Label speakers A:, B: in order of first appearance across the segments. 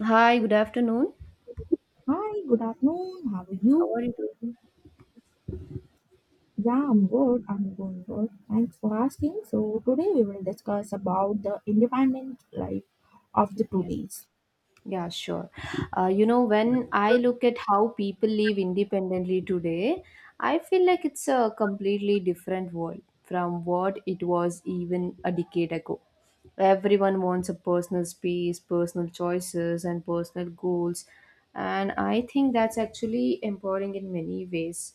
A: Hi, good afternoon.
B: Hi, good afternoon. How are
A: How are
B: you?
A: you doing?
B: Yeah, I'm good. I'm going good. Thanks for asking. So today we will discuss about the independent life of the
A: Yeah,
B: today's.
A: yeah, sure. When I look at how people live independently today, I feel like it's a completely different world from what it was even a decade ago. Everyone wants a personal space, personal choices, and personal goals. And I think that's actually empowering in many ways.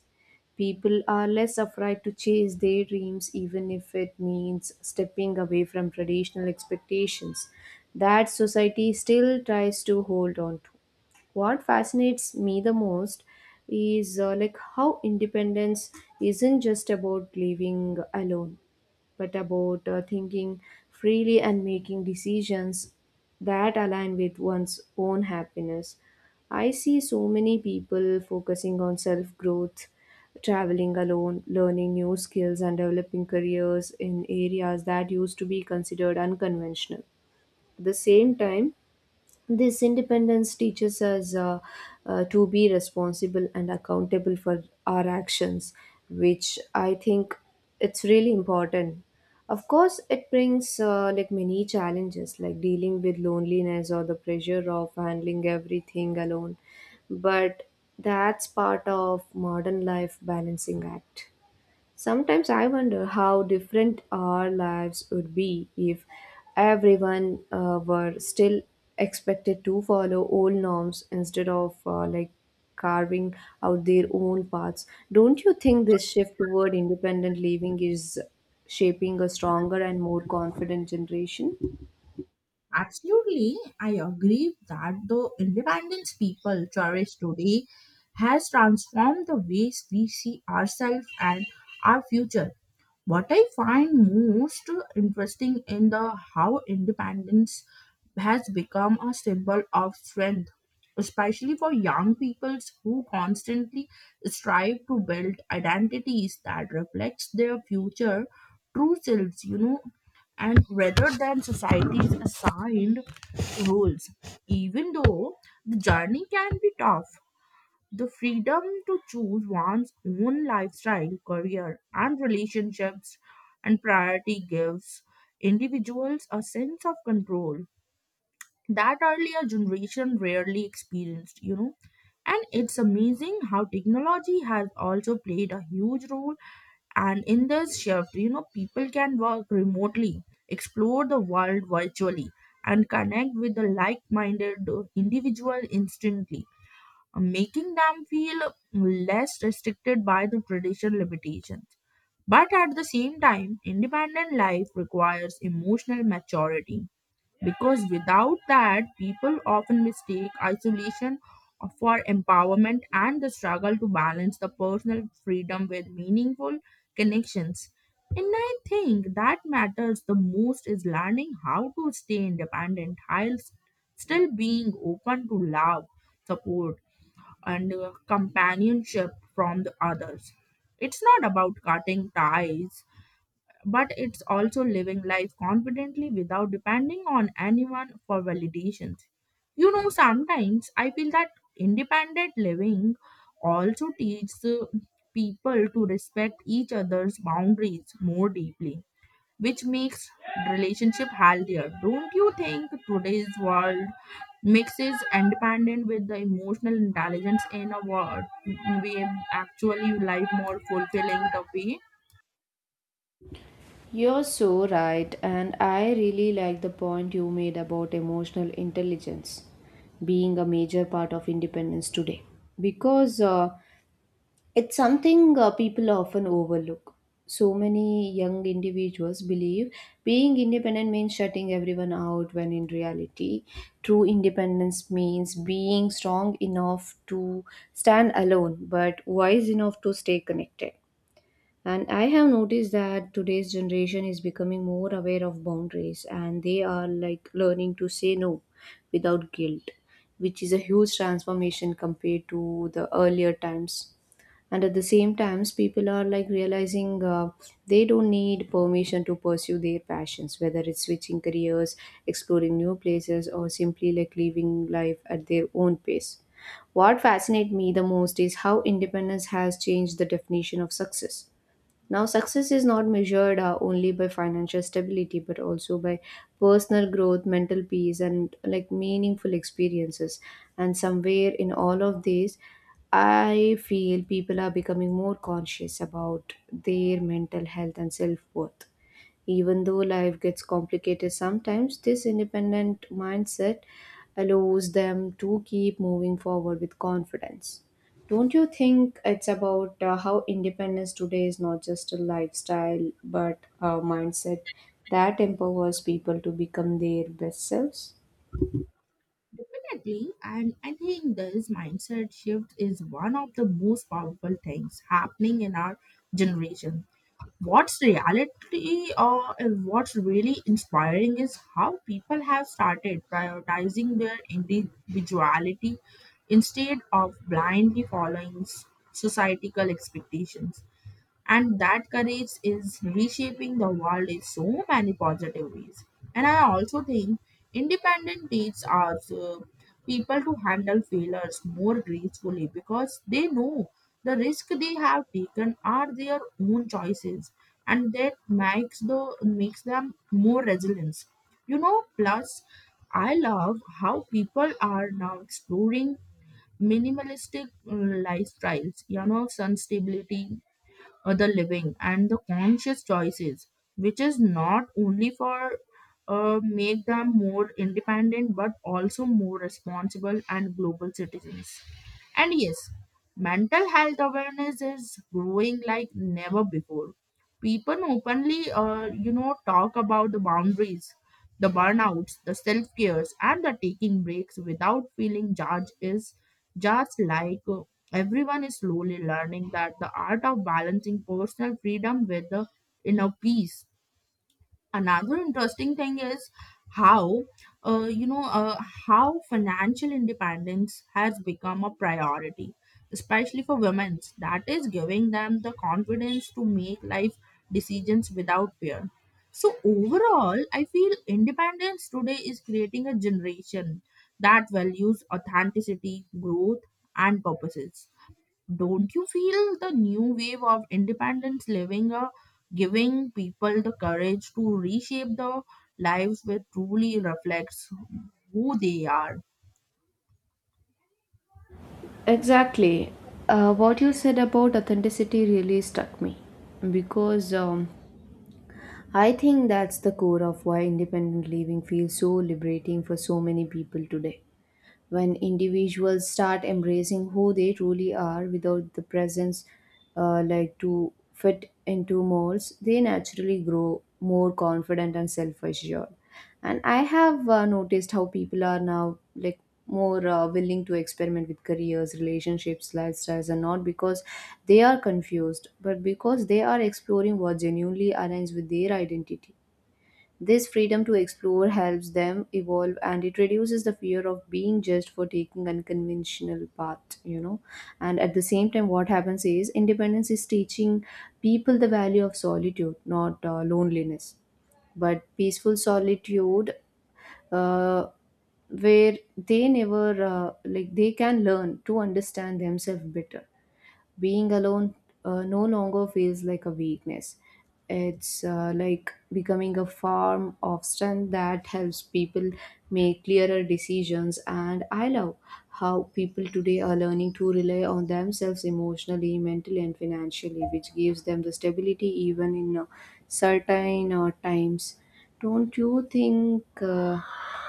A: People are less afraid to chase their dreams, even if it means stepping away from traditional expectations that society still tries to hold on to. What fascinates me the most is how independence isn't just about living alone but about thinking freely and making decisions that align with one's own happiness. I see so many people focusing on self growth, traveling alone, learning new skills, and developing careers in areas that used to be considered unconventional. At the same time, this independence teaches us to be responsible and accountable for our actions, which I think it's really important. Of course, it brings many challenges, like dealing with loneliness or the pressure of handling everything alone, but that's part of modern life balancing act. Sometimes I wonder how different our lives would be if everyone were still expected to follow old norms instead of carving out their own paths. Don't you think this shift toward independent living is shaping a stronger and more confident generation?
B: Absolutely, I agree that the independence people cherish today has transformed the ways we see ourselves and our future. What I find most interesting in the how independence has become a symbol of strength, especially for young peoples who constantly strive to build identities that reflects their future true selves, and rather than society's assigned rules. Even though the journey can be tough, the freedom to choose one's own lifestyle, career, and relationships and priority gives individuals a sense of control that earlier generation rarely experienced. And it's amazing how technology has also played a huge role. And in this shift, people can work remotely, explore the world virtually, and connect with the like minded individual instantly, making them feel less restricted by the traditional limitations. But at the same time, independent life requires emotional maturity because without that, people often mistake isolation for empowerment and the struggle to balance the personal freedom with meaningful connections. And I think that matters the most is learning how to stay independent still being open to love, support, and companionship from the others. It's not about cutting ties, but it's also living life confidently without depending on anyone for validations. You know, sometimes I feel that independent living also teaches people to respect each other's boundaries more deeply, which makes relationship healthier. Don't you think today's world mixes independent with the emotional intelligence in a word we actually life more fulfilling the way
A: You're so right, and I really like the point you made about emotional intelligence being a major part of independence today. Because It's something people often overlook. So many young individuals believe being independent means shutting everyone out, when in reality, true independence means being strong enough to stand alone but wise enough to stay connected. And I have noticed that today's generation is becoming more aware of boundaries, and they are like learning to say no without guilt, which is a huge transformation compared to the earlier times. And at the same times, people are like realizing they don't need permission to pursue their passions, whether it's switching careers, exploring new places, or simply like living life at their own pace. What fascinates me the most is how independence has changed the definition of success. Now, success is not measured only by financial stability, but also by personal growth, mental peace, and like meaningful experiences. And somewhere in all of these, I feel people are becoming more conscious about their mental health and self worth. Even though life gets complicated sometimes, this independent mindset allows them to keep moving forward with confidence. Don't you think it's about how independence today is not just a lifestyle but a mindset that empowers people to become their best selves?
B: definitely? And I think this mindset shift is one of the most powerful things happening in our generation. What's reality or and what's really inspiring is how people have started prioritizing their individuality instead of blindly following societal expectations, and that courage is reshaping the world in so many positive ways. And I also think independent teaches our people to handle failures more gracefully because they know the risk they have taken are their own choices, and that makes them more resilient, you know. Plus, I love how people are now exploring minimalistic lifestyles, you know, sun stability, the living and the conscious choices, which is not only for make them more independent but also more responsible and global citizens. And yes, mental health awareness is growing like never before. People openly, talk about the boundaries, the burnouts, the self cares, and the taking breaks without feeling judged is just like Everyone is slowly learning that the art of balancing personal freedom with the inner peace. Another interesting thing is how, uh, you know uh, how financial independence has become a priority, especially for women. That is giving them the confidence to make life decisions without fear. So overall, I feel independence today is creating a generation that values authenticity, growth, and purposes. Don't you feel the new wave of independence living, giving people the courage to reshape their lives which truly reflects who they are?
A: Exactly. What you said about authenticity really struck me because I think that's the core of why independent living feels so liberating for so many people today. When individuals start embracing who they truly are without the presence to fit into molds, they naturally grow more confident and self-assured. And I have noticed how people are now like more willing to experiment with careers, relationships, lifestyles, and not because they are confused but because they are exploring what genuinely aligns with their identity. This freedom to explore helps them evolve, and it reduces the fear of being judged for taking unconventional path, you know. And at the same time, what happens is independence is teaching people the value of solitude, not loneliness, but peaceful solitude. Uh, where they never like they can learn to understand themselves better being alone no longer feels like a weakness. It's becoming a form of strength that helps people make clearer decisions. And I love how people today are learning to rely on themselves emotionally, mentally, and financially, which gives them the stability even in certain times. Don't you think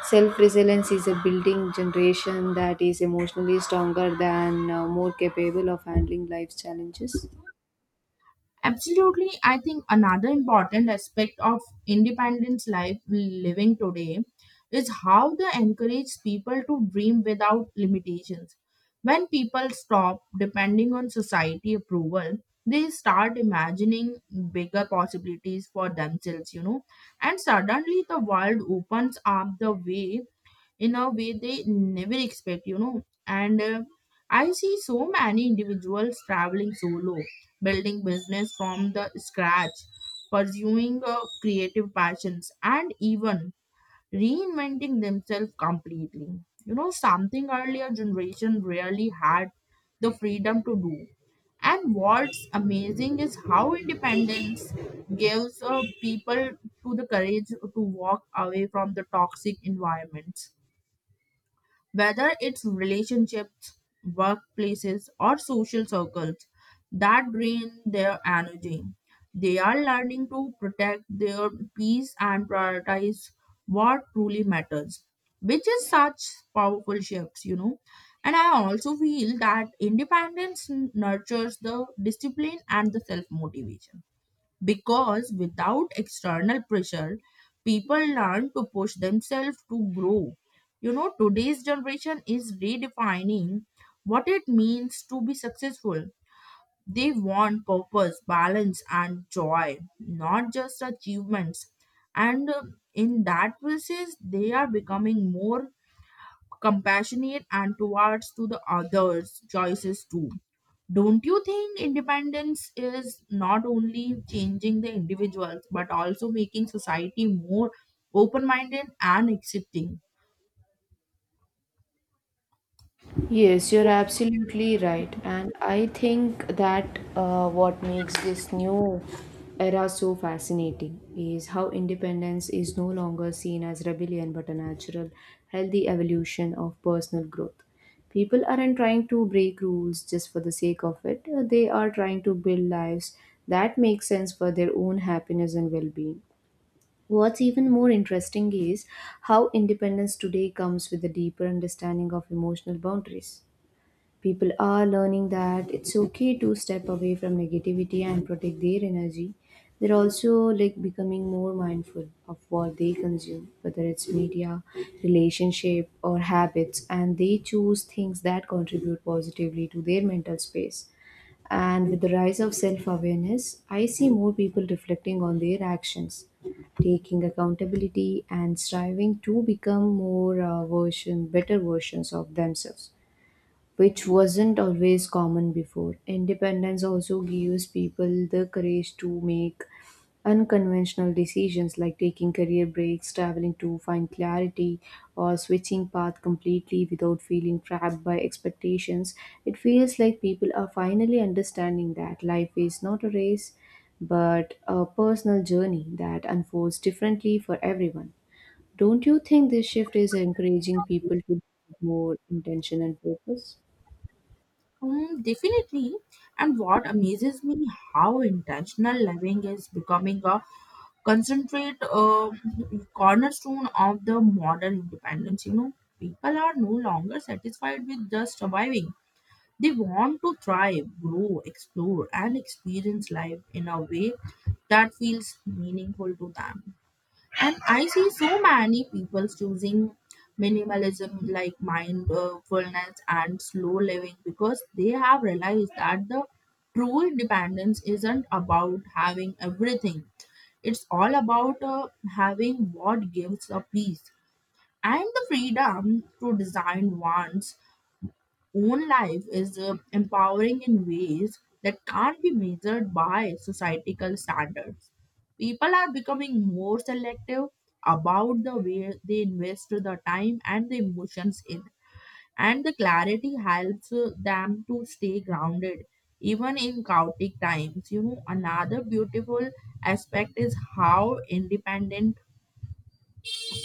A: self resilience is a building generation that is emotionally stronger than more capable of handling life's challenges?
B: Absolutely, I think another important aspect of independence life living today is how they encourage people to dream without limitations. When people stop depending on society approval, they start imagining bigger possibilities for themselves, you know, and suddenly the world opens up the way in a way they never expect, you know. And I see so many individuals traveling solo, building business from the scratch, pursuing creative passions, and even reinventing themselves completely, you know, something earlier generation rarely had the freedom to do. And what's amazing is how independence gives people to the courage to walk away from the toxic environments, whether it's relationships, workplaces, or social circles that drain their energy. They are learning to protect their peace and prioritize what truly matters, which is such powerful shifts, you know. And I also feel that independence nurtures the discipline and the self motivation because without external pressure, people learn to push themselves to grow. You know, today's generation is redefining what it means to be successful. They want purpose, balance, and joy, not just achievements. And in that basis, they are becoming more compassionate and towards to the others' choices too. Don't you think independence is not only changing the individuals but also making society more open minded and accepting?
A: Yes, you're absolutely right. And I think that what makes this new era so fascinating is how independence is no longer seen as rebellion but a natural, healthy evolution of personal growth. People aren't trying to break rules just for the sake of it. They are trying to build lives that make sense for their own happiness and well being. What's even more interesting is how independence today comes with a deeper understanding of emotional boundaries. People are learning that it's okay to step away from negativity and protect their energy. They're also like becoming more mindful of what they consume, whether it's media, relationship, or habits, and they choose things that contribute positively to their mental space. And with the rise of self awareness, I see more people reflecting on their actions, taking accountability, and striving to become more better versions of themselves, which wasn't always common before. Independence also gives people the courage to make unconventional decisions, like taking career breaks, traveling to find clarity, or switching path completely without feeling trapped by expectations. It feels like people are finally understanding that life is not a race but a personal journey that unfolds differently for everyone. Don't you think this shift is encouraging people to more intention and purpose?
B: Definitely. And what amazes me how intentional living is becoming a concentrate cornerstone of the modern independence. You know, people are no longer satisfied with just surviving. They want to thrive, grow, explore, and experience life in a way that feels meaningful to them. And I see so many people choosing minimalism like mindfulness and slow living because they have realized that the true dependence isn't about having everything. It's all about having what gives a peace, and the freedom to design one's own life is empowering in ways that can't be measured by societal standards. People are becoming more selective about the way they invest the time and the emotions in, and the clarity helps them to stay grounded even in chaotic times. You know, another beautiful aspect is how independent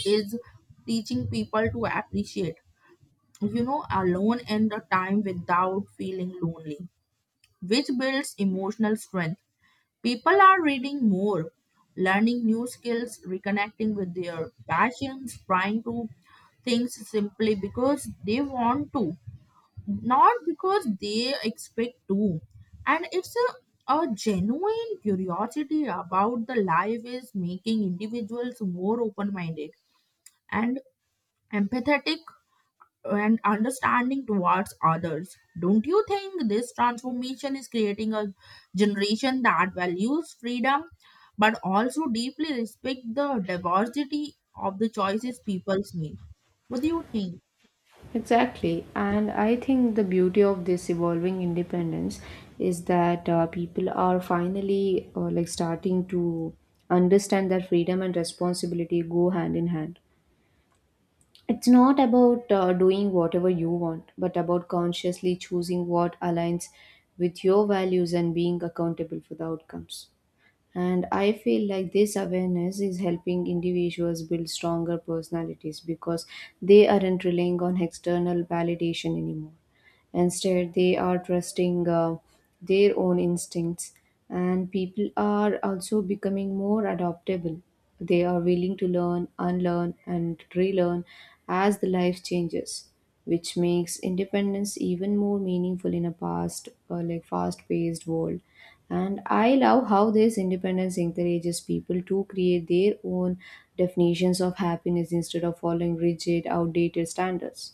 B: is teaching people to appreciate, alone in the time without feeling lonely, which builds emotional strength. People are reading more, learning new skills, reconnecting with their passions, trying to things simply because they want to, not because they expect to. And it's a genuine curiosity about the life is making individuals more open minded and empathetic and understanding towards others. Don't you think this transformation is creating a generation that values freedom but also deeply respect the diversity of the choices people make? What do you think?
A: Exactly, and I think the beauty of this evolving independence is that people are finally starting to understand that freedom and responsibility go hand in hand. It's not about doing whatever you want, but about consciously choosing what aligns with your values and being accountable for the outcomes. And I feel like this awareness is helping individuals build stronger personalities because they aren't relying on external validation anymore. Instead, they are trusting their own instincts, and people are also becoming more adaptable. They are willing to learn, unlearn, and relearn as the life changes, which makes independence even more meaningful in a past, fast-paced world. And I love how this independence encourages people to create their own definitions of happiness instead of following rigid, outdated standards,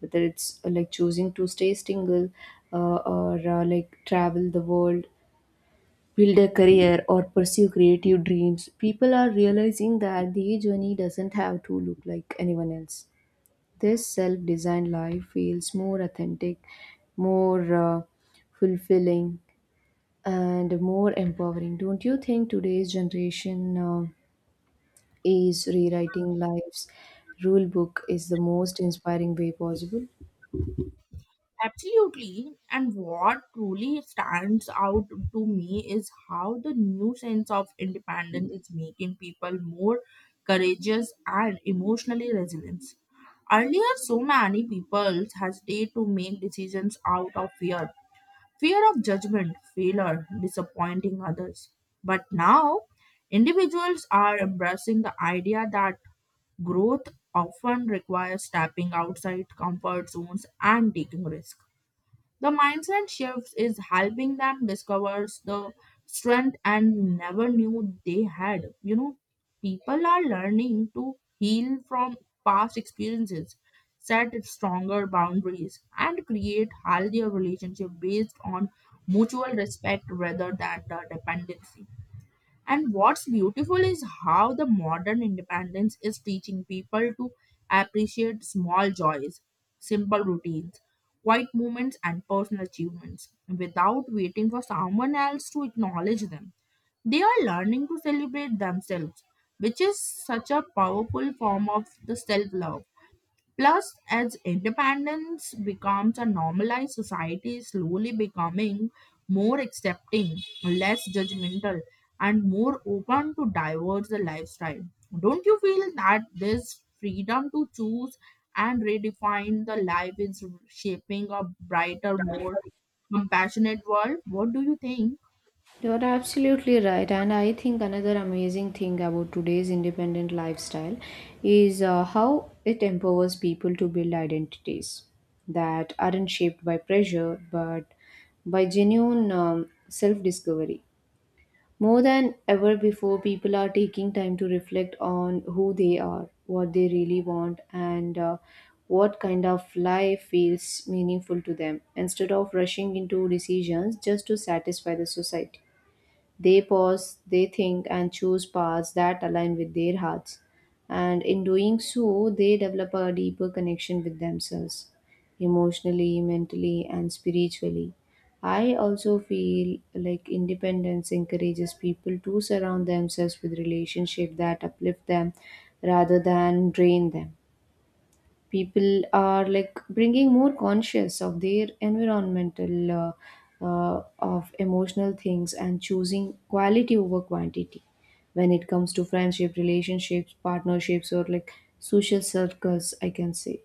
A: whether it's choosing to stay single or travel the world, build a career, or pursue creative dreams. People are realizing that their journey doesn't have to look like anyone else. This self-designed life feels more authentic, more fulfilling, and more empowering. Don't you think today's generation is rewriting life's rule book is the most inspiring way possible?
B: Absolutely. And what truly stands out to me is how the new sense of independence is making people more courageous and emotionally resilient. Earlier, so many people hesitated to make decisions out of fear, of judgment, failure, disappointing others. But now, individuals are embracing the idea that growth often requires stepping outside comfort zones and taking risks. The mindset shift is helping them discover the strength and never knew they had. You know, people are learning to heal from past experiences, set stronger boundaries, and create healthier relationship based on mutual respect rather than the dependency. And what's beautiful is how the modern independence is teaching people to appreciate small joys, simple routines, quiet moments, and personal achievements without waiting for someone else to acknowledge them. They are learning to celebrate themselves, which is such a powerful form of the self love. Plus, as independence becomes a normalized society, is slowly becoming more accepting, less judgmental, and more open to diverse lifestyle. Don't you feel that this freedom to choose and redefine the life is shaping a brighter, more compassionate world? What do you think?
A: You're absolutely right, and I think another amazing thing about today's independent lifestyle is how it empowers people to build identities that aren't shaped by pressure but by genuine self discovery. More than ever before, people are taking time to reflect on who they are, what they really want, and what kind of life feels meaningful to them instead of rushing into decisions just to satisfy the society. They pause, they think, and choose paths that align with their hearts. And in doing so, they develop a deeper connection with themselves, emotionally, mentally, and spiritually. I also feel like independence encourages people to surround themselves with relationships that uplift them rather than drain them. People are like bringing more conscious of their environmental of emotional things, and choosing quality over quantity when it comes to friendship, relationships, partnerships, or like social circles, I can say.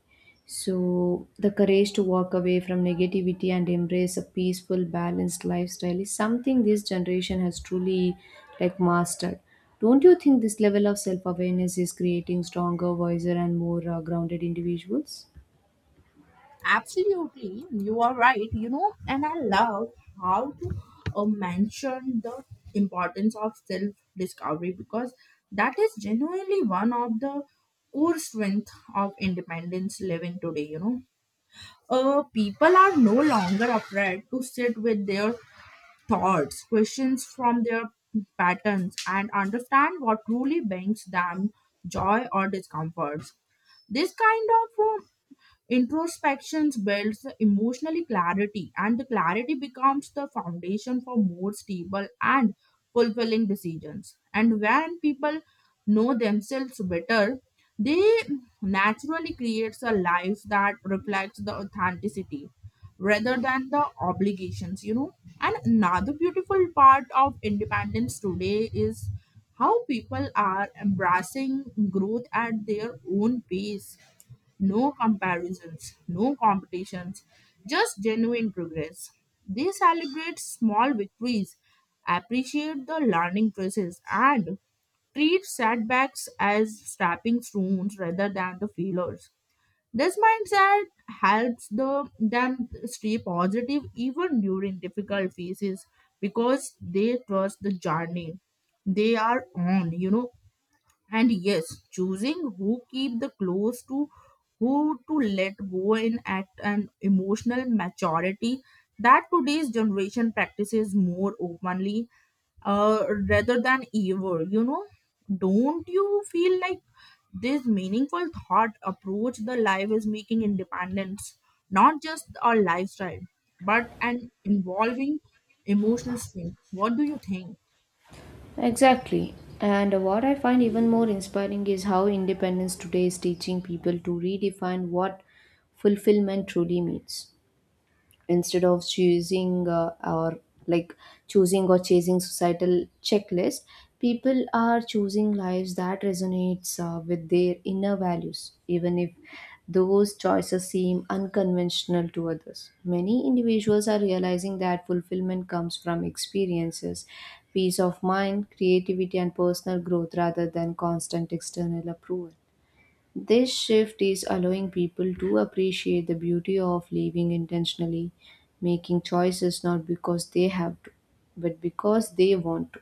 A: So, the courage to walk away from negativity and embrace a peaceful, balanced lifestyle is something this generation has truly like mastered. Don't you think this level of self awareness is creating stronger, wiser, and more grounded individuals?
B: Absolutely, you are right. You know, and I love how to mention the importance of self discovery because that is genuinely one of the core strength of independence living today. People are no longer afraid to sit with their thoughts, questions from their patterns, and understand what truly brings them joy or discomforts. This kind of introspection builds emotional clarity, and the clarity becomes the foundation for more stable and fulfilling decisions. And when people know themselves better, they naturally creates a life that reflects the authenticity rather than the obligations, you know. And another beautiful part of independence today is how people are embracing growth at their own pace, no comparisons, no competitions, just genuine progress. They celebrate small victories, appreciate the learning process, and treat setbacks as stepping stones rather than the failures. This mindset helps them stay positive even during difficult phases because they trust the journey they are on, you know. And yes, choosing who keep the close to, who to let go in at an emotional maturity that today's generation practices more openly, rather than ever, you know. Don't you feel like this meaningful thought approach the life is making independence not just a lifestyle but an involving emotional strength? What do you think?
A: Exactly. And what I find even more inspiring is how independence today is teaching people to redefine what fulfillment truly means. Instead of choosing or like choosing or chasing societal checklist, people are choosing lives that resonates with their inner values, even if those choices seem unconventional to others. Many individuals are realizing that fulfillment comes from experiences, peace of mind, creativity, and personal growth rather than constant external approval. This shift is allowing people to appreciate the beauty of living intentionally, making choices not because they have to, but because they want to.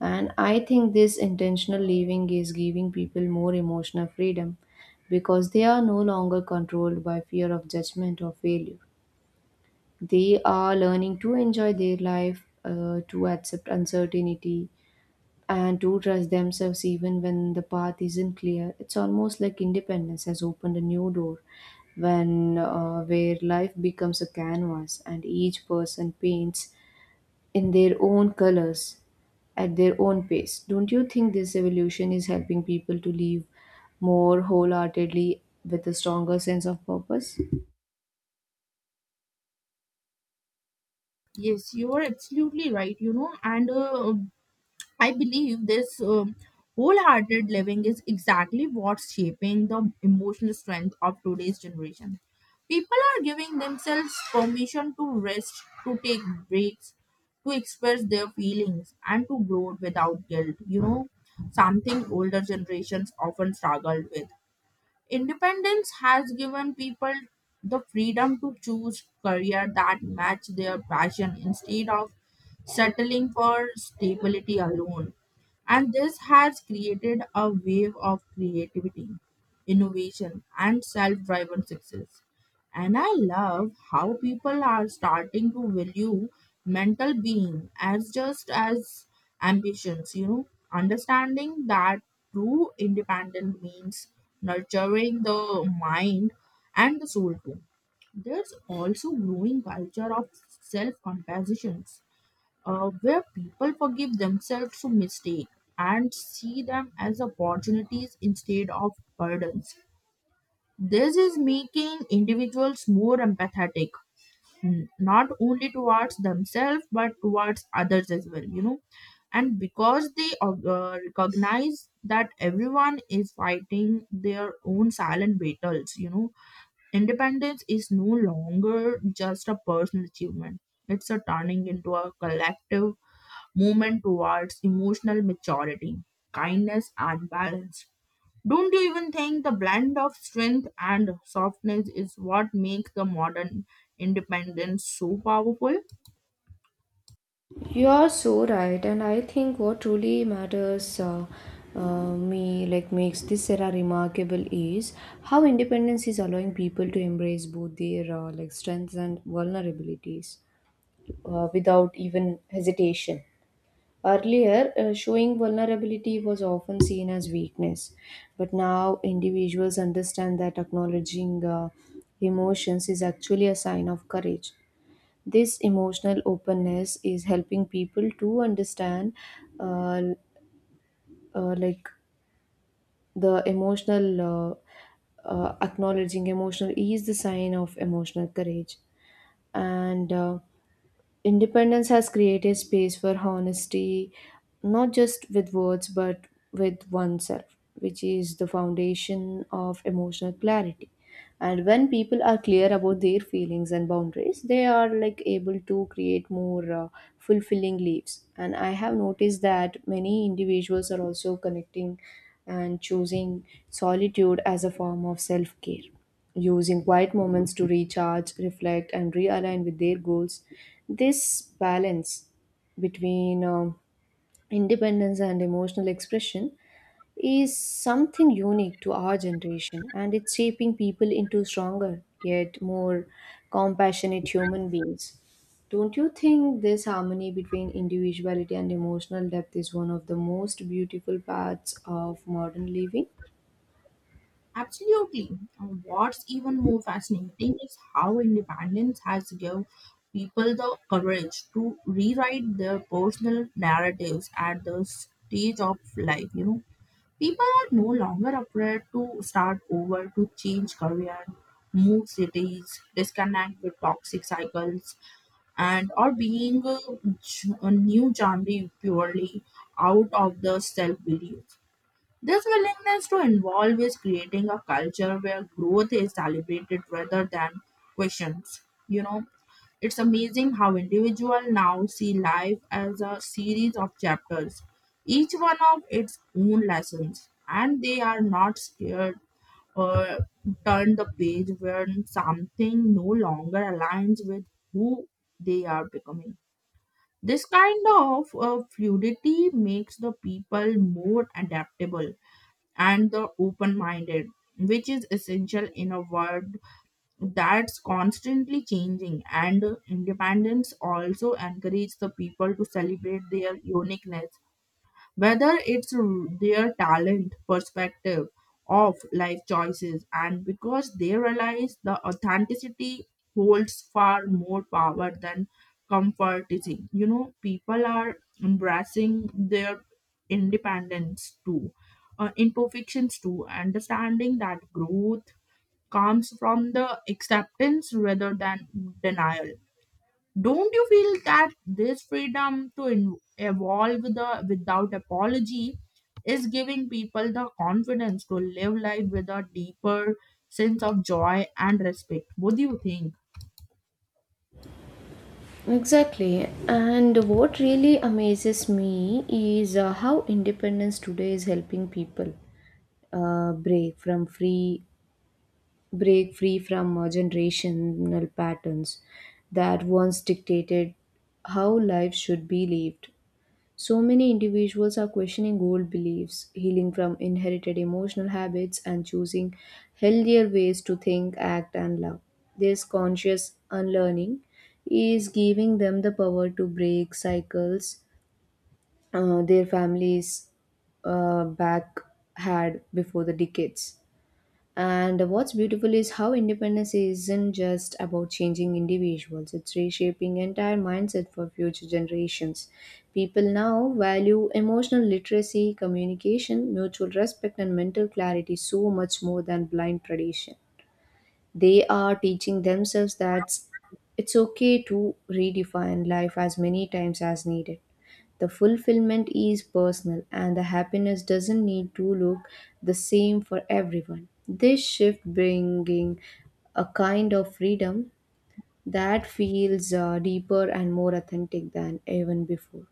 A: And I think this intentional living is giving people more emotional freedom because they are no longer controlled by fear of judgment or failure. They are learning to enjoy their life, to accept uncertainty, and to trust themselves even when the path isn't clear. It's almost like independence has opened a new door, when where life becomes a canvas and each person paints in their own colors at their own pace. Don't you think this evolution is helping people to live more wholeheartedly with a stronger sense of purpose?
B: Yes, you are absolutely right, you know. And I believe this wholehearted living is exactly what's shaping the emotional strength of today's generation. People are giving themselves permission to rest, to take breaks, to express their feelings, and to grow without guilt. You know, something older generations often struggled with. Independence has given people the freedom to choose career that match their passion instead of settling for stability alone. And this has created a wave of creativity, innovation, and self driven success. And I love how people are starting to value mental being as just as ambitions, you know, understanding that true independence means nurturing the mind and the soul too. There's also growing culture of self-compassions, where people forgive themselves for mistake and see them as opportunities instead of burdens. This is making individuals more empathetic, not only towards themselves but towards others as well, you know. And because they recognize that everyone is fighting their own silent battles, you know, independence is no longer just a personal achievement. It's a turning into a collective movement towards emotional maturity, kindness, and balance. Don't you even think the blend of strength and softness is what makes the modern independence so powerful?
A: You are so right, and I think what truly matters me, like makes this era remarkable, is how independence is allowing people to embrace both their strengths and vulnerabilities without even hesitation. Earlier, showing vulnerability was often seen as weakness, but now individuals understand that acknowledging emotions is actually a sign of courage. This emotional openness is helping people to understand, uh, like the emotional Acknowledging emotional is the sign of emotional courage, and. Independence has created space for honesty, not just with words but with oneself, which is the foundation of emotional clarity. And when people are clear about their feelings and boundaries, they are like able to create more fulfilling lives. And I have noticed that many individuals are also connecting and choosing solitude as a form of self care, using quiet moments to recharge, reflect, and realign with their goals. This balance between independence and emotional expression is something unique to our generation, and it's shaping people into stronger yet more compassionate human beings. Don't you think this harmony between individuality and emotional depth is one of the most beautiful parts of modern living?
B: Absolutely. And what's even more fascinating is how independence has given people the courage to rewrite their personal narratives at the stage of life, you know. People are no longer afraid to start over, to change career, move cities, disconnect with toxic cycles, and or being a new genre purely out of the self belief. This willingness to involve is creating a culture where growth is celebrated rather than questions. You know, it's amazing how individual now see life as a series of chapters, each one of its own lessons, and they are not scared or turn the page when something no longer aligns with who they are becoming. This kind of fluidity makes the people more adaptable and the open minded, which is essential in a world that's constantly changing. And independence also encourages the people to celebrate their uniqueness, whether it's their talent, perspective, of life choices, and because they realize the authenticity holds far more power than comforting. You know, people are embracing their independence too, imperfections too, understanding that growth comes from the acceptance rather than denial. Don't you feel that this freedom to evolve the without apology is giving people the confidence to live life with a deeper sense of joy and respect? What do you think?
A: Exactly. And what really amazes me is how independence today is helping people uh, break from free break free from generational patterns that once dictated how life should be lived. So many individuals are questioning old beliefs, healing from inherited emotional habits, and choosing healthier ways to think, act, and love. This conscious unlearning is giving them the power to break cycles their families back had before the decades. And what's beautiful is how independence isn't just about changing individuals, it's reshaping entire mindset for future generations. People now value emotional literacy, communication, mutual respect, and mental clarity so much more than blind tradition. They are teaching themselves that it's okay to redefine life as many times as needed. The fulfillment is personal, and the happiness doesn't need to look the same for everyone. This shift bringing a kind of freedom that feels deeper and more authentic than even before.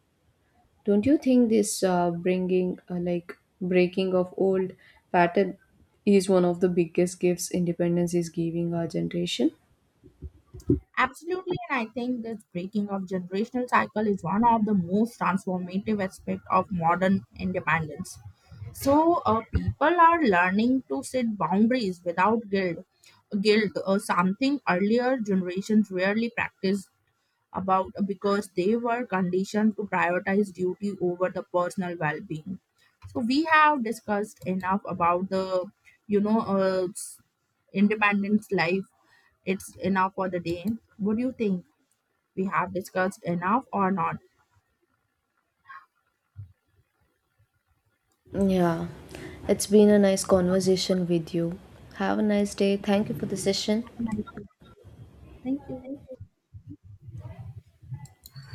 A: Don't you think this bringing like breaking of old pattern is one of the biggest gifts independence is giving our generation?
B: Absolutely, and I think this breaking of generational cycle is one of the most transformative aspect of modern independence. So people are learning to set boundaries without guilt. Guilt, something earlier generations rarely practiced about because they were conditioned to prioritize duty over the personal well-being. So we have discussed enough about the, you know uh, s- independence life. It's enough for the day. What do you think? We have discussed enough or not?
A: Yeah, it's been a nice conversation with you. Have a nice day. Thank you for the session.
B: Nice, thank you.